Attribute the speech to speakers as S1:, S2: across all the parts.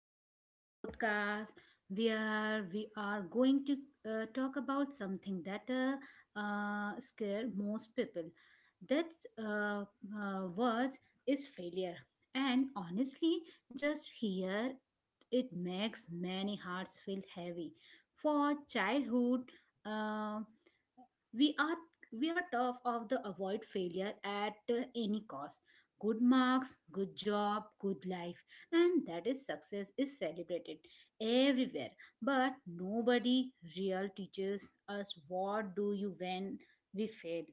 S1: to today's podcast where we are going to talk about something that scare most people. That uh, words is failure. And honestly, just here it makes many hearts feel heavy. For childhood, uh, we are we are tough of the avoid failure at any cost, good marks, good job, good life, and that is success is celebrated everywhere. But nobody real teaches us what do you when we fail.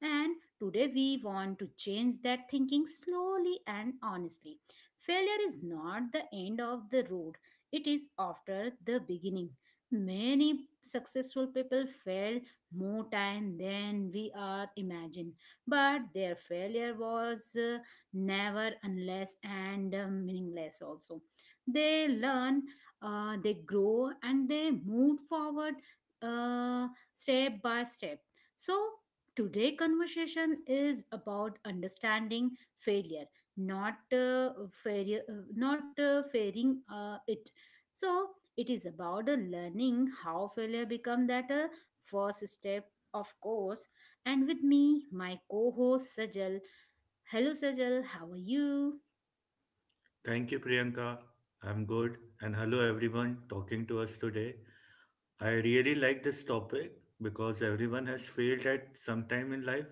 S1: And today we want to change that thinking slowly and honestly. Failure is not the end of the road, it is after the beginning. Many successful people fail more time than we are imagine, but their failure was never unless and meaningless also. They learn, they grow and they move forward, uh, step by step. So today conversation is about understanding failure, not failure, not fairing it. So it is about learning how failure become that first step of course. And with me my co-host Sajal. Hello, Sajal. How are you?
S2: Thank you, Priyanka. I'm good. And hello, everyone talking to us today. I really like this topic because everyone has failed at some time in life.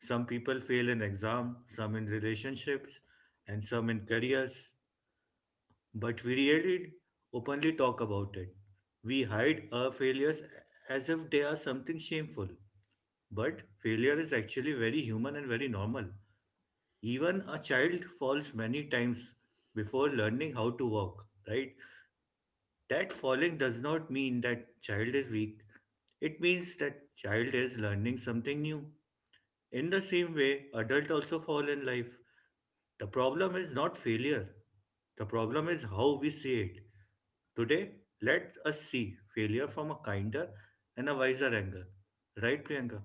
S2: Some people fail in exam, some in relationships, and some in careers. But we really openly talk about it. We hide our failures as if they are something shameful. But failure is actually very human and very normal. Even a child falls many times before learning how to walk, right? That falling does not mean that child is weak. It means that child is learning something new. In the same way, adult also fall in life. The problem is not failure, the problem is how we see it. Today, let us see failure from a kinder and a wiser angle, right, Priyanka?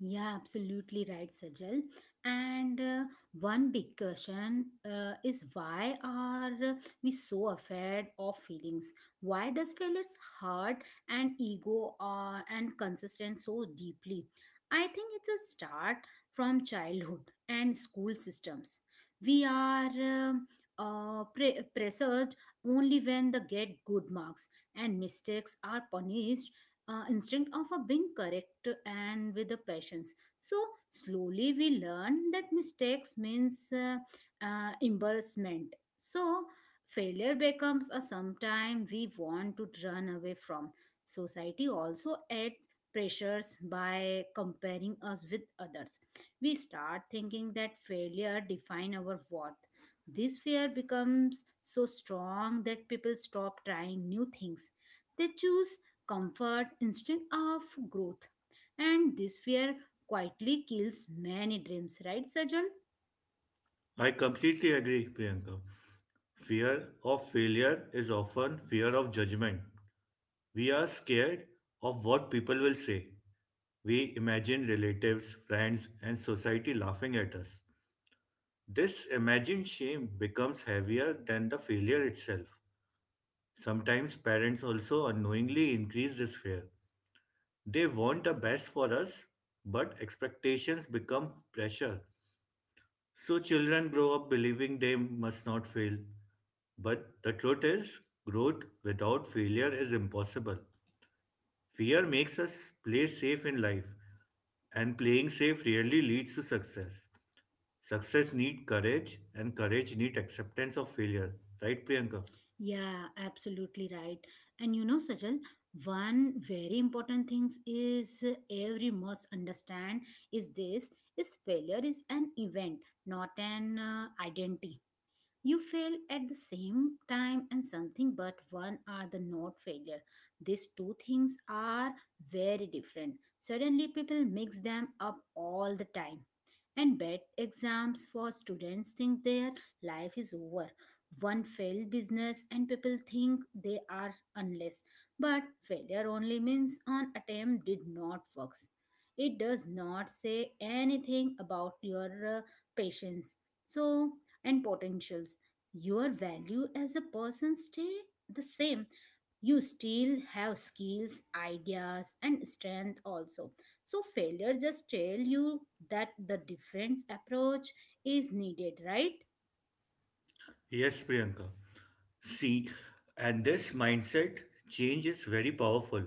S1: Yeah, absolutely right, Sajal. And one big question is why are we so afraid of feelings? Why does failures hurt and ego and consistent so deeply? I think it's a start from childhood and school systems. We are pressured only when they get good marks, and mistakes are punished instinct of a being correct and with the patience. So slowly we learn that mistakes means embarrassment, so failure becomes a sometime we want to run away from. Society also adds pressures by comparing us with others. We start thinking that failure define our worth. This fear becomes so strong that people stop trying new things. They choose comfort instead of growth. And this fear quietly kills many dreams, right, Sajal?
S2: I completely agree, Priyanka. Fear of failure is often fear of judgment. We are scared of what people will say. We imagine relatives, friends, and society laughing at us. This imagined shame becomes heavier than the failure itself. Sometimes parents also unknowingly increase this fear. They want the best for us, but expectations become pressure. So children grow up believing they must not fail. But the truth is, growth without failure is impossible. Fear makes us play safe in life, and playing safe rarely leads to success. Success need courage and courage need acceptance of failure. Right, Priyanka?
S1: Yeah, absolutely right. And you know, Sajal, one very important thing is every must understand is this is failure is an event, not an identity. You fail at the same time and something, but one are the not failure. These two things are very different. Suddenly, people mix them up all the time. And bad exams for students think their life is over. One failed business, and people think they are unless. But failure only means an attempt did not work. It does not say anything about your patience. So, and potentials. Your value as a person stay the same. You still have skills, ideas, and strength also. So failure just tell you that the different approach is needed, right?
S2: Yes, Priyanka. See, and this mindset change is very powerful.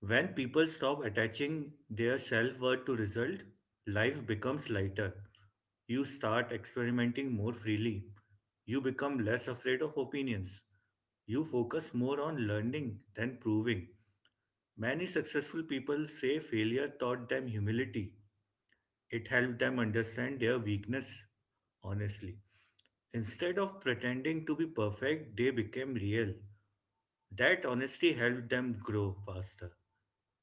S2: When people stop attaching their self-worth to result, life becomes lighter. You start experimenting more freely. You become less afraid of opinions. You focus more on learning than proving. Many successful people say failure taught them humility. It helped them understand their weakness honestly. Instead of pretending to be perfect, they became real. That honesty helped them grow faster.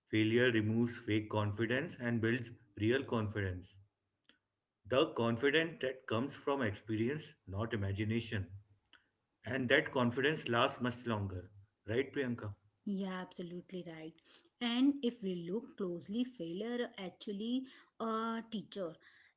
S2: Failure removes fake confidence and builds real confidence. The confidence that comes from experience, not imagination. And that confidence lasts much longer. Right, Priyanka?
S1: Yeah, absolutely right. And if we look closely, failure actually a teacher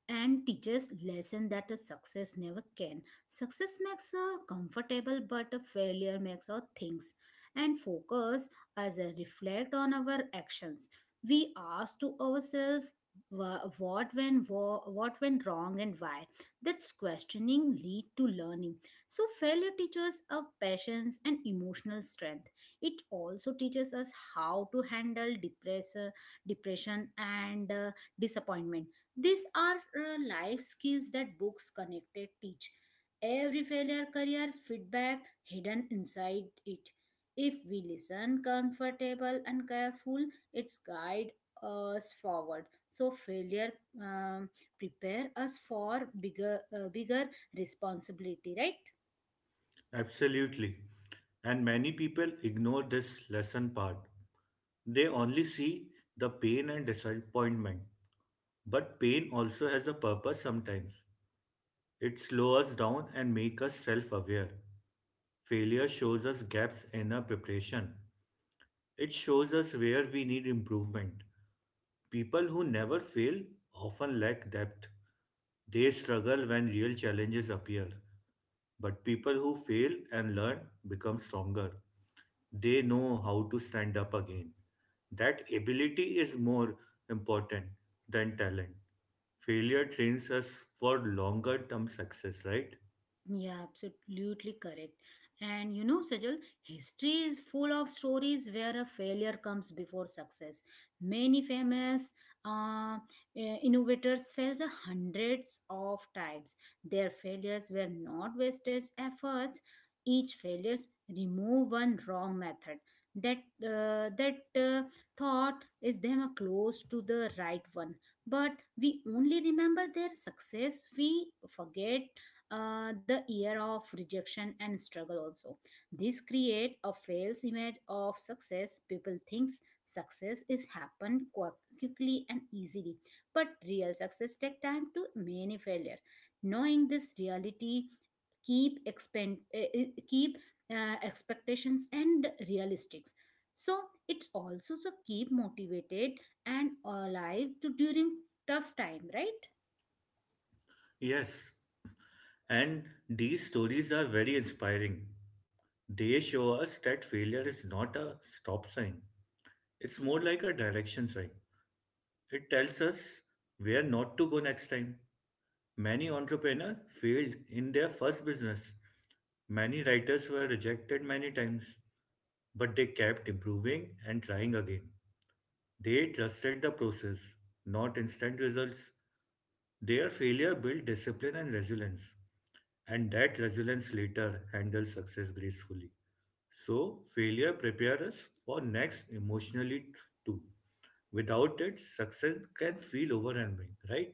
S1: and teaches lesson that a success never can. Success makes a comfortable, but a failure makes our things. And focus as a reflect on our actions. We ask to ourselves what went wrong and why. That's questioning lead to learning. So failure teaches our patience and emotional strength. It also teaches us how to handle depression and disappointment. These are life skills that books connected teach. Every failure, career, feedback hidden inside it. If we listen comfortable and careful, it's guide us forward. So failure um, prepare us for bigger responsibility, right?
S2: Absolutely. And many people ignore this lesson part. They only see the pain and disappointment. But pain also has a purpose sometimes. It slows us down and makes us self aware. Failure shows us gaps in our preparation. It shows us where we need improvement. People who never fail often lack depth. They struggle when real challenges appear. But people who fail and learn become stronger. They know how to stand up again. That ability is more important than talent. Failure trains us for longer term success, right?
S1: Yeah, absolutely correct. And you know, Sajal, history is full of stories where a failure comes before success. Many famous uh, innovators failed the hundreds of times. Their failures were not wasted efforts. Each failures remove one wrong method. That that thought is them a close to the right one. But we only remember their success. We forget the year of rejection and struggle also. This create a false image of success. People thinks success is happen quickly and easily, but real success take time to many failure. Knowing this reality keep expend eh, eh, keep expectations and realistics. So it's also so keep motivated and alive to during tough time, right?
S2: Yes. And these stories are very inspiring. They show us that failure is not a stop sign, it's more like a direction sign. It tells us where not to go next time. Many entrepreneurs failed in their first business. Many writers were rejected many times. But they kept improving and trying again. They trusted the process, not instant results. Their failure built discipline and resilience, and that resilience later handled success gracefully. So, failure prepares us for next emotionally too. Without it, success can feel overwhelming, right?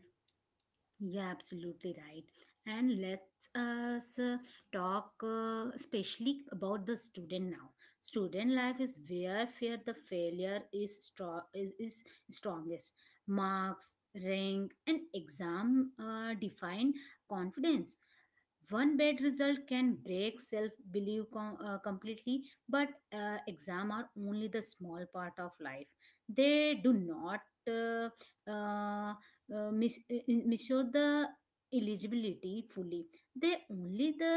S1: Yeah, absolutely right. And let's us talk especially about the student now. Student life is where fear the failure is strongest. Marks, rank, and exam define confidence. One bad result can break self belief completely. But exam are only the small part of life. They do not uh, uh, measure the eligibility fully. They only the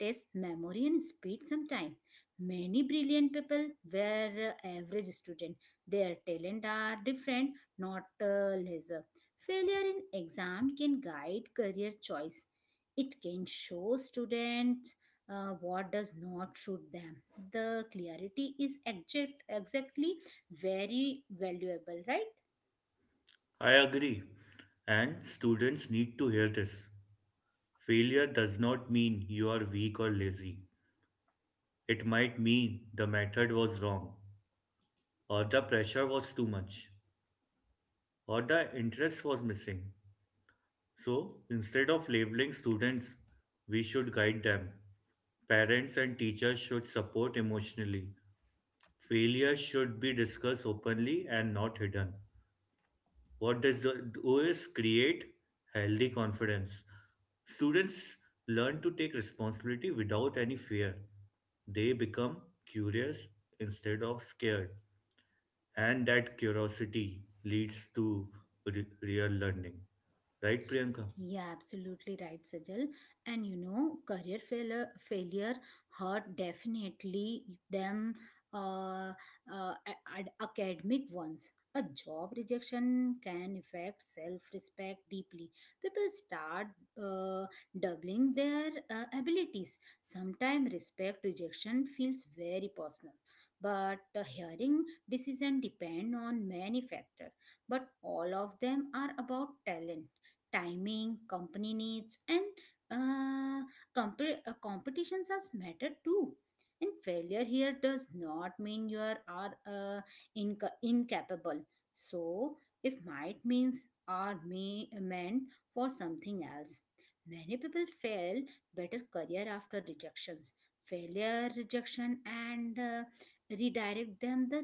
S1: test memory and speed. Sometimes many brilliant people were average student. Their talent are different, not lesser. Failure in exam can guide career choice. It can show students what does not suit them. The clarity is exactly very valuable, right?
S2: I agree. And students need to hear this. Failure does not mean you are weak or lazy. It might mean the method was wrong or the pressure was too much, or the interest was missing. So, instead of labeling students, we should guide them. Parents and teachers should support emotionally. Failure should be discussed openly and not hidden. What does the do is create healthy confidence. Students learn to take responsibility without any fear. They become curious instead of scared. And that curiosity leads to re- real learning, right, Priyanka?
S1: Yeah, absolutely right, Sajal. And you know, career failure, failure hurt definitely them uh, academic ones. A job rejection can affect self-respect deeply. People start uh, doubling their abilities. Sometimes respect rejection feels very personal. But hearing decision depend on many factors, but all of them are about talent, timing, company needs, and uh, competitions as matter too. And failure here does not mean you are incapable. So, if might means are may meant for something else. Many people fail better career after rejections. Failure, rejection, and redirect them the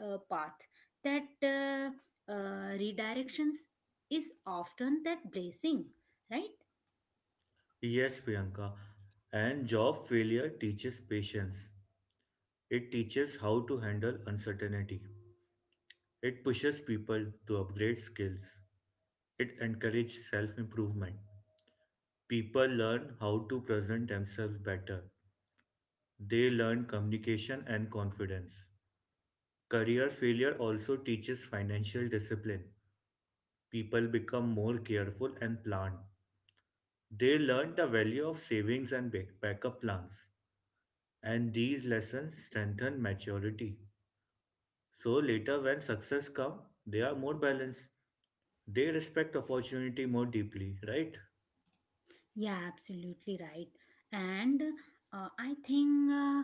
S1: path that redirections is often that blessing, right?
S2: Yes, Priyanka. And job failure teaches patience. It teaches how to handle uncertainty. It pushes people to upgrade skills. It encourages self improvement. People learn how to present themselves better. They learn communication and confidence. Career failure also teaches financial discipline. People become more careful and planned. They learn the value of savings and backup plans, and these lessons strengthen maturity. So later, when success comes, they are more balanced. They respect opportunity more deeply, right?
S1: Yeah, absolutely right. And I think uh,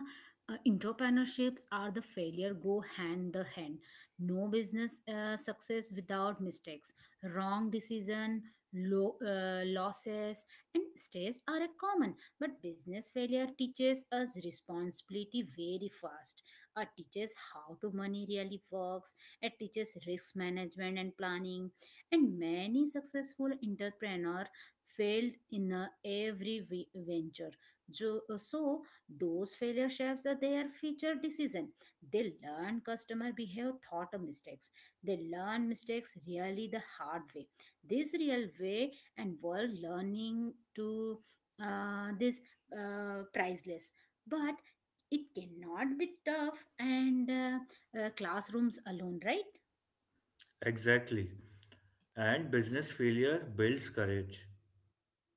S1: uh, entrepreneurships are the failure go hand the hand. No business success without mistakes. Wrong decision, losses, and stress are a common. But business failure teaches us responsibility very fast. It teaches how to money really works. It teaches risk management and planning. And many successful entrepreneurs failed in every venture. So those failure shapes their future decision. They learn customer behave thought of mistakes. They learn mistakes really the hard way. This real way and world learning to this priceless. But it cannot be tough and classrooms alone, right?
S2: Exactly. And business failure builds courage.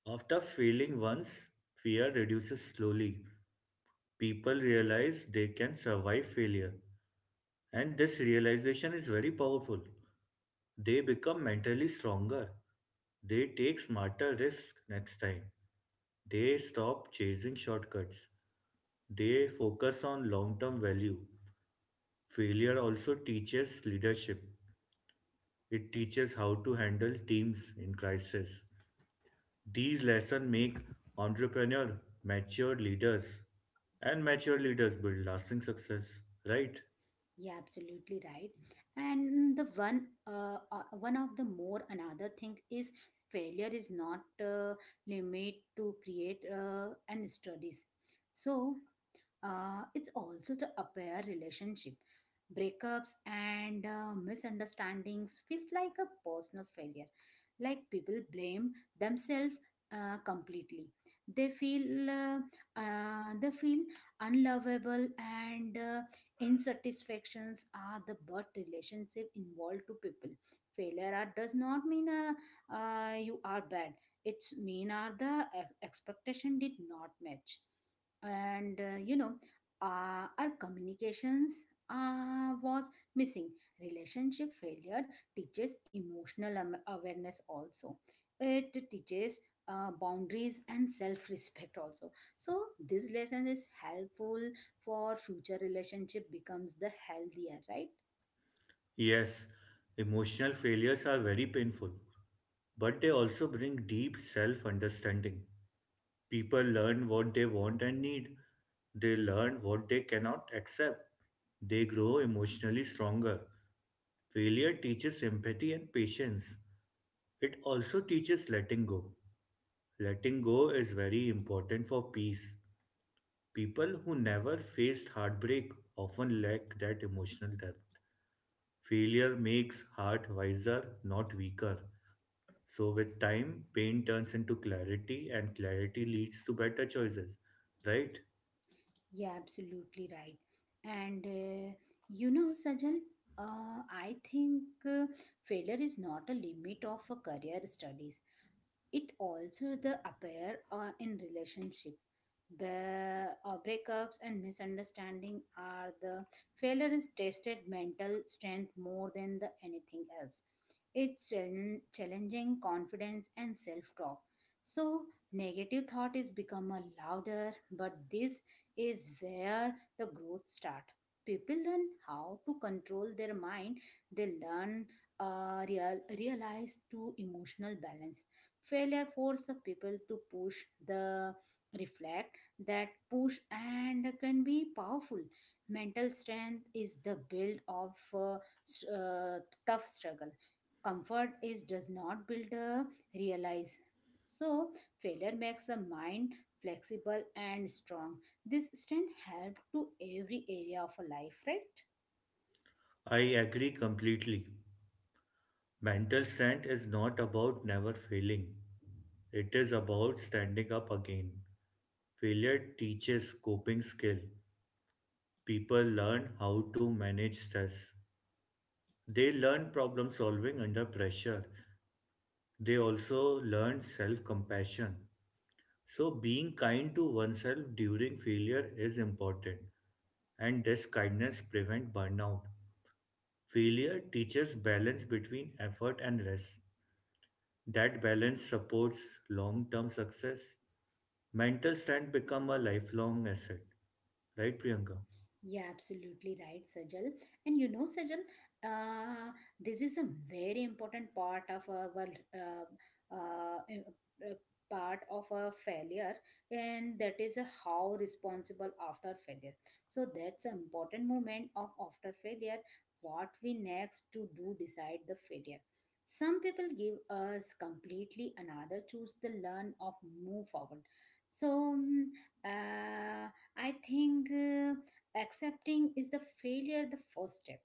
S2: After failing once, fear reduces slowly. People realize they can survive failure, and this realization is very powerful. They become mentally stronger. They take smarter risks next time. They stop chasing shortcuts. They focus on long term value. Failure also teaches leadership. It teaches how to handle teams in crisis. These lessons make entrepreneur mature leaders and mature leaders build lasting success, right?
S1: Yeah, absolutely right. And the one of the more another thing is failure is not limit to create and studies. So it's also the affair relationship. Breakups and misunderstandings feels like a personal failure. Like people blame themselves completely. They feel uh, they feel unlovable and insatisfactions are the but relationship involved to people. Failure are, does not mean you are bad. It's mean are the expectation did not match and you know our communications was missing. Relationship failure teaches emotional awareness also. It teaches boundaries and self-respect also. So this lesson is helpful for future relationship becomes the healthier, right?
S2: Yes, emotional failures are very painful, but they also bring deep self understanding. People learn what they want and need, they learn what they cannot accept. They grow emotionally stronger. Failure teaches empathy and patience. It also teaches letting go. Letting go is very important for peace. People who never faced heartbreak often lack that emotional depth. Failure makes heart wiser, not weaker. So, with time, pain turns into clarity, and clarity leads to better choices, right?
S1: Yeah, absolutely right. And you know, Sajal, I think, failure is not a limit of a career studies. It also the appear in relationship. Breakups and misunderstanding are the failure is tested mental strength more than the anything else. It's challenging confidence and self-talk. So negative thought is become a louder. But this is where the growth start. People learn how to control their mind. They learn realize to emotional balance. Failure forces people to push the reflect. That push and can be powerful. Mental strength is the build of s- uh, tough struggle. Comfort is does not build a realize. So failure makes the mind flexible and strong. This strength help to every area of a life, right?
S2: I agree completely. Mental strength is not about never failing, it is about standing up again. Failure teaches coping skill. People learn how to manage stress. They learn problem solving under pressure. They also learn self compassion. So, being kind to oneself during failure is important, and this kindness prevents burnout. Failure teaches balance between effort and rest. That balance supports long-term success. Mental strength become a lifelong asset. Right, Priyanka?
S1: Yeah, absolutely right, Sajal. And you know, Sajal, this is a very important part of our uh, part of a failure, and that is a how responsible after failure. So that's an important moment of after failure. What we next to do decide the failure. Some people give us completely another choose the learn of move forward. So uh, I think. Accepting is the failure, the first step.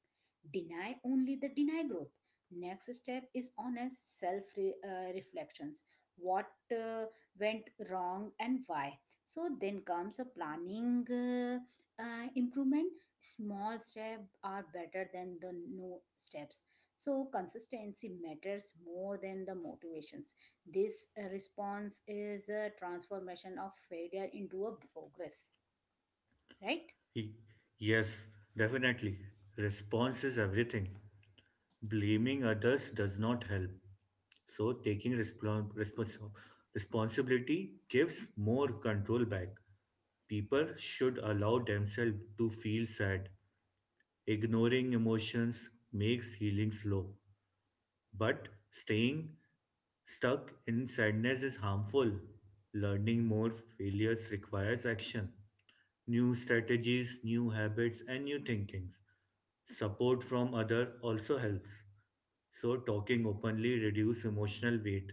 S1: Deny only the deny growth. Next step is honest self reflections. What went wrong and why? So then comes a planning improvement. Small steps are better than the no steps. So consistency matters more than the motivations. This response is a transformation of failure into a progress, right?
S2: He- yes, definitely. Response is everything. Blaming others does not help. So taking responsibility gives more control back. People should allow themselves to feel sad. Ignoring emotions makes healing slow, but staying stuck in sadness is harmful. Learning more failures requires action, new strategies, new habits, and new thinkings. Support from other also helps. So talking openly reduce emotional weight.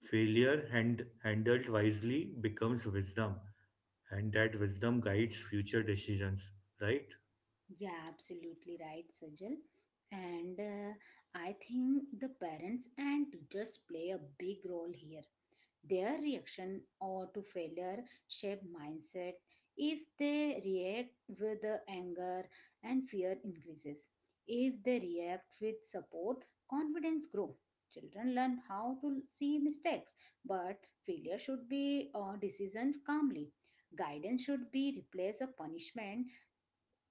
S2: Handled wisely becomes wisdom, and that wisdom guides future decisions. Right?
S1: Yeah, absolutely right, Sajal. And I think the parents and teachers play a big role here. Their reaction or to failure shape mindset. If they react with the anger and fear increases. If they react with support, confidence grow. Children learn how to see mistakes, but failure should be a decision calmly. Guidance should be replace a punishment,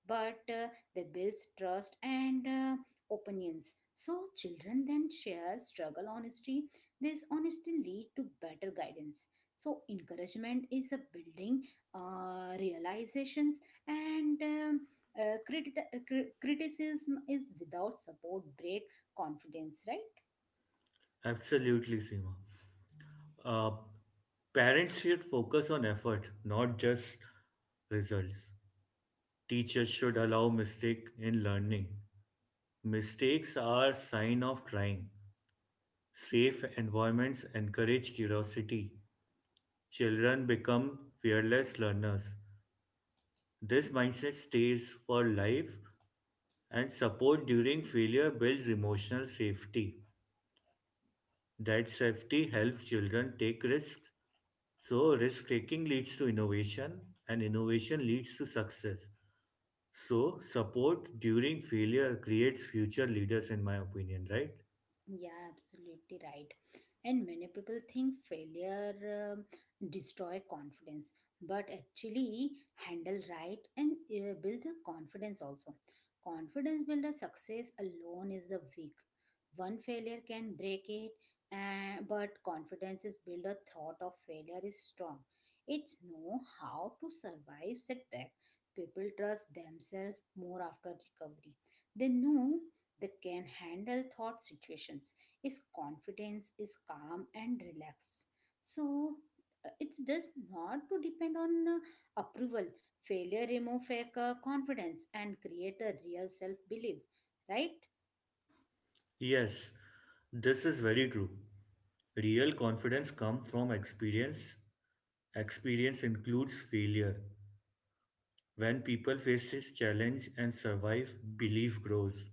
S1: but they builds trust and opinions. So children then share struggle honesty. This honesty lead to better guidance. So encouragement is a building realizations, and criticism is without support break confidence, right?
S2: Absolutely, Seema. Uh, Parents should focus on effort, not just results. Teachers should allow mistake in learning. Mistakes are sign of trying. Safe environments encourage curiosity. Children become fearless learners. This mindset stays for life and support during failure builds emotional safety. That safety helps children take risks. So, risk taking leads to innovation, and innovation leads to success. So, support during failure creates future leaders, in my opinion, right?
S1: Yeah, absolutely right. And many people think failure destroy confidence, but actually handle right and build a confidence also. Confidence builder success alone is the weak. One failure can break it, but confidence is builder thought of failure is strong. It's know how to survive setback. People trust themselves more after recovery. They know that can handle thought situations is confidence is calm and relaxed so it's just not to depend on approval failure remove fake confidence and create a real self belief right.
S2: Yes, this is very true. Real confidence comes from experience. Experience includes failure. When people face this challenge and survive, belief grows.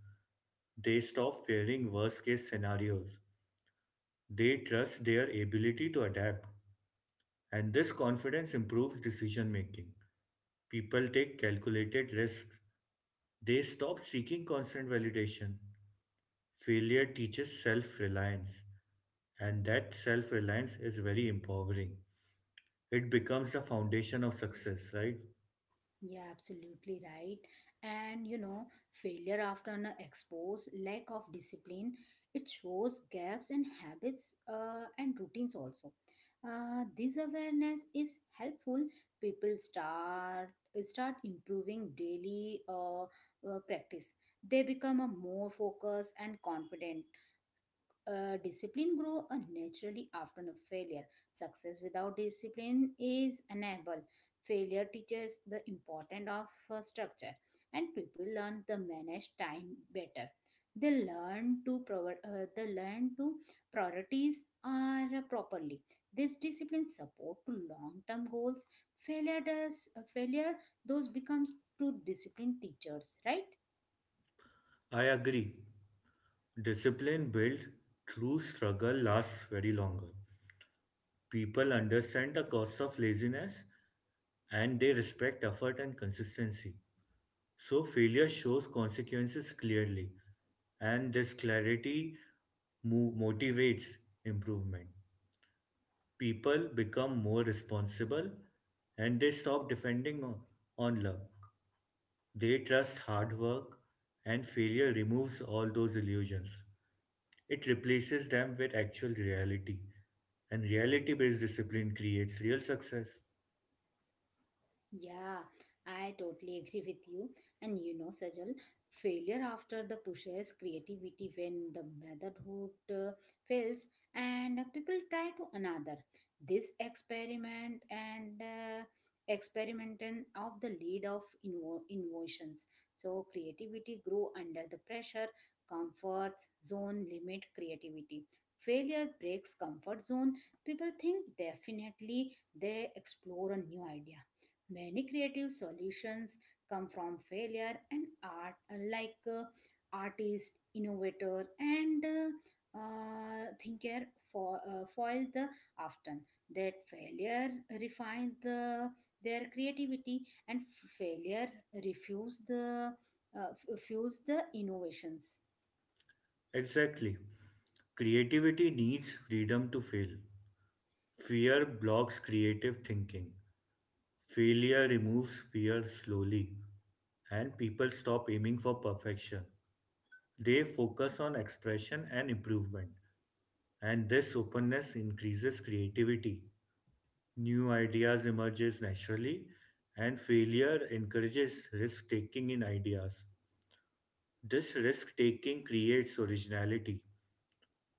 S2: They stop fearing worst case scenarios. They trust their ability to adapt. And this confidence improves decision making. People take calculated risks. They stop seeking constant validation. Failure teaches self reliance, and that self reliance is very empowering. It becomes the foundation of success, right?
S1: Yeah, absolutely right. And you know, failure after an expose, lack of discipline, it shows gaps in habits and routines also. This awareness is helpful. People start improving daily practice. They become a more focused and confident discipline grow naturally after a failure. Success without discipline is unable. Failure teaches the importance of structure, and people learn to manage time better. They learn to they learn to priorities are properly. This discipline support to long-term goals. Failure does failure. Those becomes to discipline teachers, right?
S2: I agree. Discipline built through struggle lasts very longer. People understand the cost of laziness and they respect effort and consistency. So failure shows consequences clearly, and this clarity motivates improvement. People become more responsible and they stop defending on luck. They trust hard work, and failure removes all those illusions. It replaces them with actual reality, and reality based discipline creates real success.
S1: Yeah, I totally agree with you. And you know, Sajal, failure after the pushes creativity when the motherhood fails and people try to another. This experiment and experimenting of the lead of innovations. So creativity grow under the pressure, comfort zone limit creativity. Failure breaks comfort zone. People think definitely they explore a new idea. Many creative solutions come from failure and art, unlike artist, innovator, and thinker for, foil the often that failure refine the their creativity and failure refuse the fuse the innovations.
S2: Exactly. Creativity needs freedom to fail. Fear blocks creative thinking. Failure removes fear slowly, and people stop aiming for perfection. They focus on expression and improvement, and this openness increases creativity. New ideas emerges naturally, and failure encourages risk taking in ideas. This risk taking creates originality.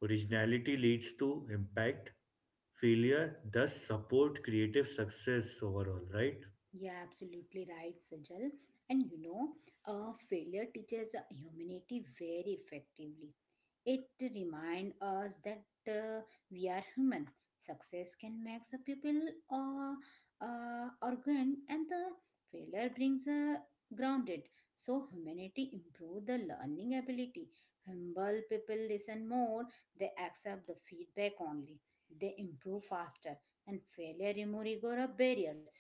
S2: Originality leads to impact. Failure thus support creative success overall, right?
S1: Yeah, absolutely right, Sajal. And you know, failure teaches humanity very effectively. It reminds us that uh, we are human. Success can make the people uh, arrogant, and the failure brings a grounded. So humanity improve the learning ability. Humble people listen more. They accept the feedback only. They improve faster, and failure remove ego barriers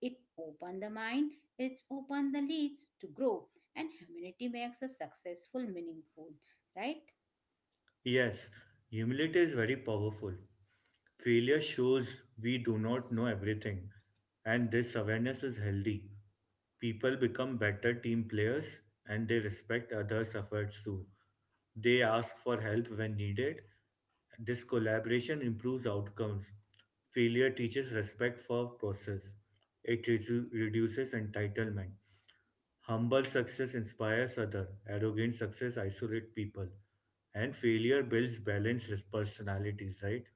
S1: it opens the mind, it opens the leads to grow, and humanity makes a successful, meaningful, right?
S2: Yes, humility is very powerful. Failure shows we do not know everything, and this awareness is healthy. People become better team players and they respect others' efforts too. They ask for help when needed. This collaboration improves outcomes. Failure teaches respect for process. It reduces entitlement. Humble success inspires other. Arrogant success isolates people and failure builds balanced personalities, right?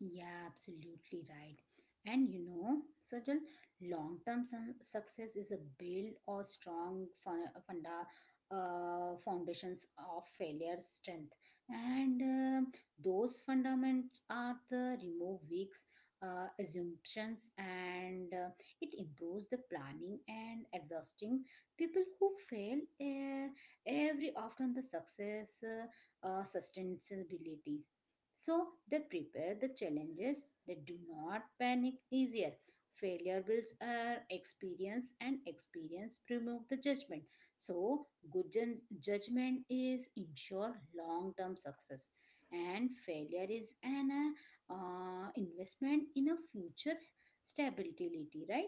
S1: Yeah, absolutely right. And you know, certain long term success is a build or strong funda, foundations of failure strength. And those fundamentals are the remove weak assumptions and it improves the planning and exhausting people who fail every often the success sustainability so they prepare the challenges, they do not panic easier. Failure builds our experience and experience remove the judgment. So good judgment is ensure long-term success and failure is an investment in a future stability, right?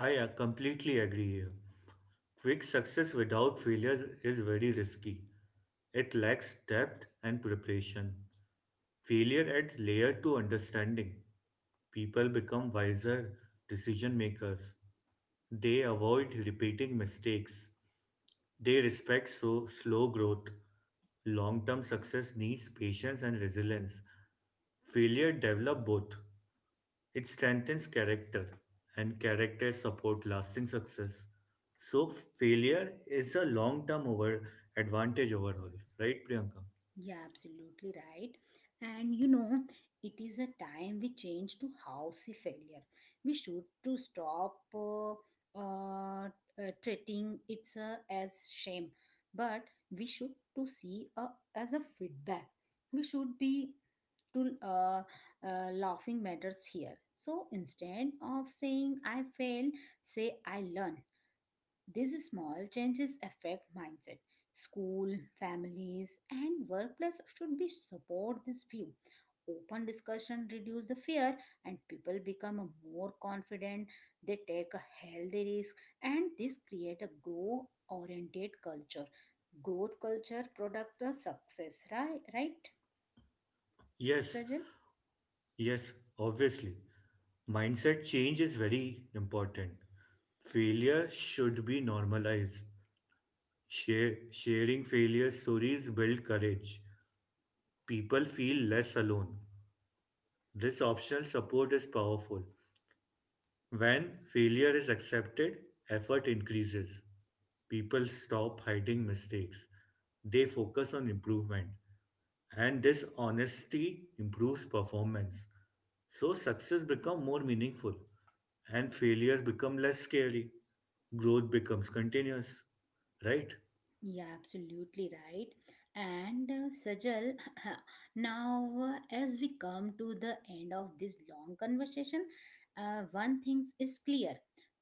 S2: I completely agree here. Quick success without failure is very risky. It lacks depth and preparation. Failure adds layer to understanding. People become wiser decision makers. They avoid repeating mistakes. They respect so slow growth. Long-term success needs patience and resilience. Failure develop both. It strengthens character, and character support lasting success. So failure is a long-term over advantage overall, right, Priyanka?
S1: Yeah, absolutely right. And you know, it is a time we change to housey failure. We should to stop uh, uh, treating it as shame, but we should to see as a feedback. We should be to laughing matters here. So instead of saying I failed, say I learn. These small changes affect mindset. School, families, and workplace should be support this view. Open discussion reduce the fear and people become more confident. They take a healthy risk and this create a grow oriented culture. Growth culture product a success, right? Right,
S2: Yes,
S1: Sajal?
S2: yes, obviously. Mindset change is very important. Failure should be normalized. Sharing failure stories build courage. People feel less alone. This optional support is powerful. When failure is accepted, effort increases. People stop hiding mistakes. They focus on improvement. And this honesty improves performance. So success becomes more meaningful and failure becomes less scary. Growth becomes continuous, right?
S1: Yeah, absolutely right. And Sajal, now as we come to the end of this long conversation, one thing is clear: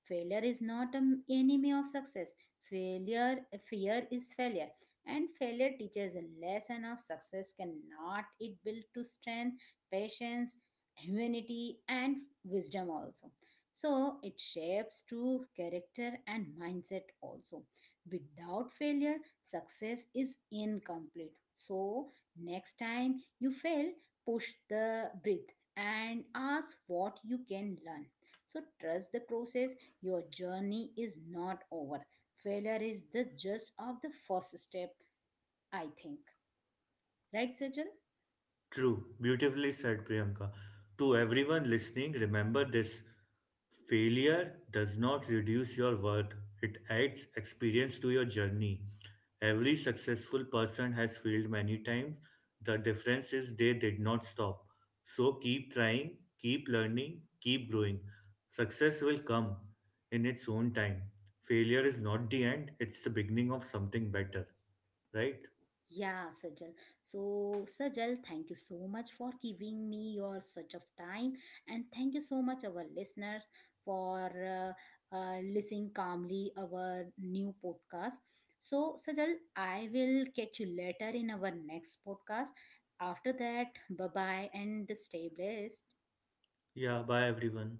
S1: failure is not an enemy of success. Failure, fear is failure, and failure teaches a lesson of success. Cannot it build to strength, patience, humanity, and wisdom also. So it shapes true character and mindset also. Without failure, success is incomplete. So, next time you fail, push the breath and ask what you can learn. So, trust the process. Your journey is not over. Failure is the just of the first step, I think. Right, Sajal?
S2: True, beautifully said, Priyanka. To everyone listening, remember this: failure does not reduce your worth, it adds experience to your journey. Every successful person has failed many times. The difference is they did not stop. So keep trying, keep learning, keep growing. Success will come in its own time. Failure is not the end, it's the beginning of something better. Right?
S1: Yeah, Sajal. So, Sajal, thank you so much for giving me your such of time, and thank you so much our listeners for listening calmly our new podcast. So, Sajal, I will catch you later in our next podcast. After that, bye bye and stay blessed.
S2: Yeah, bye everyone.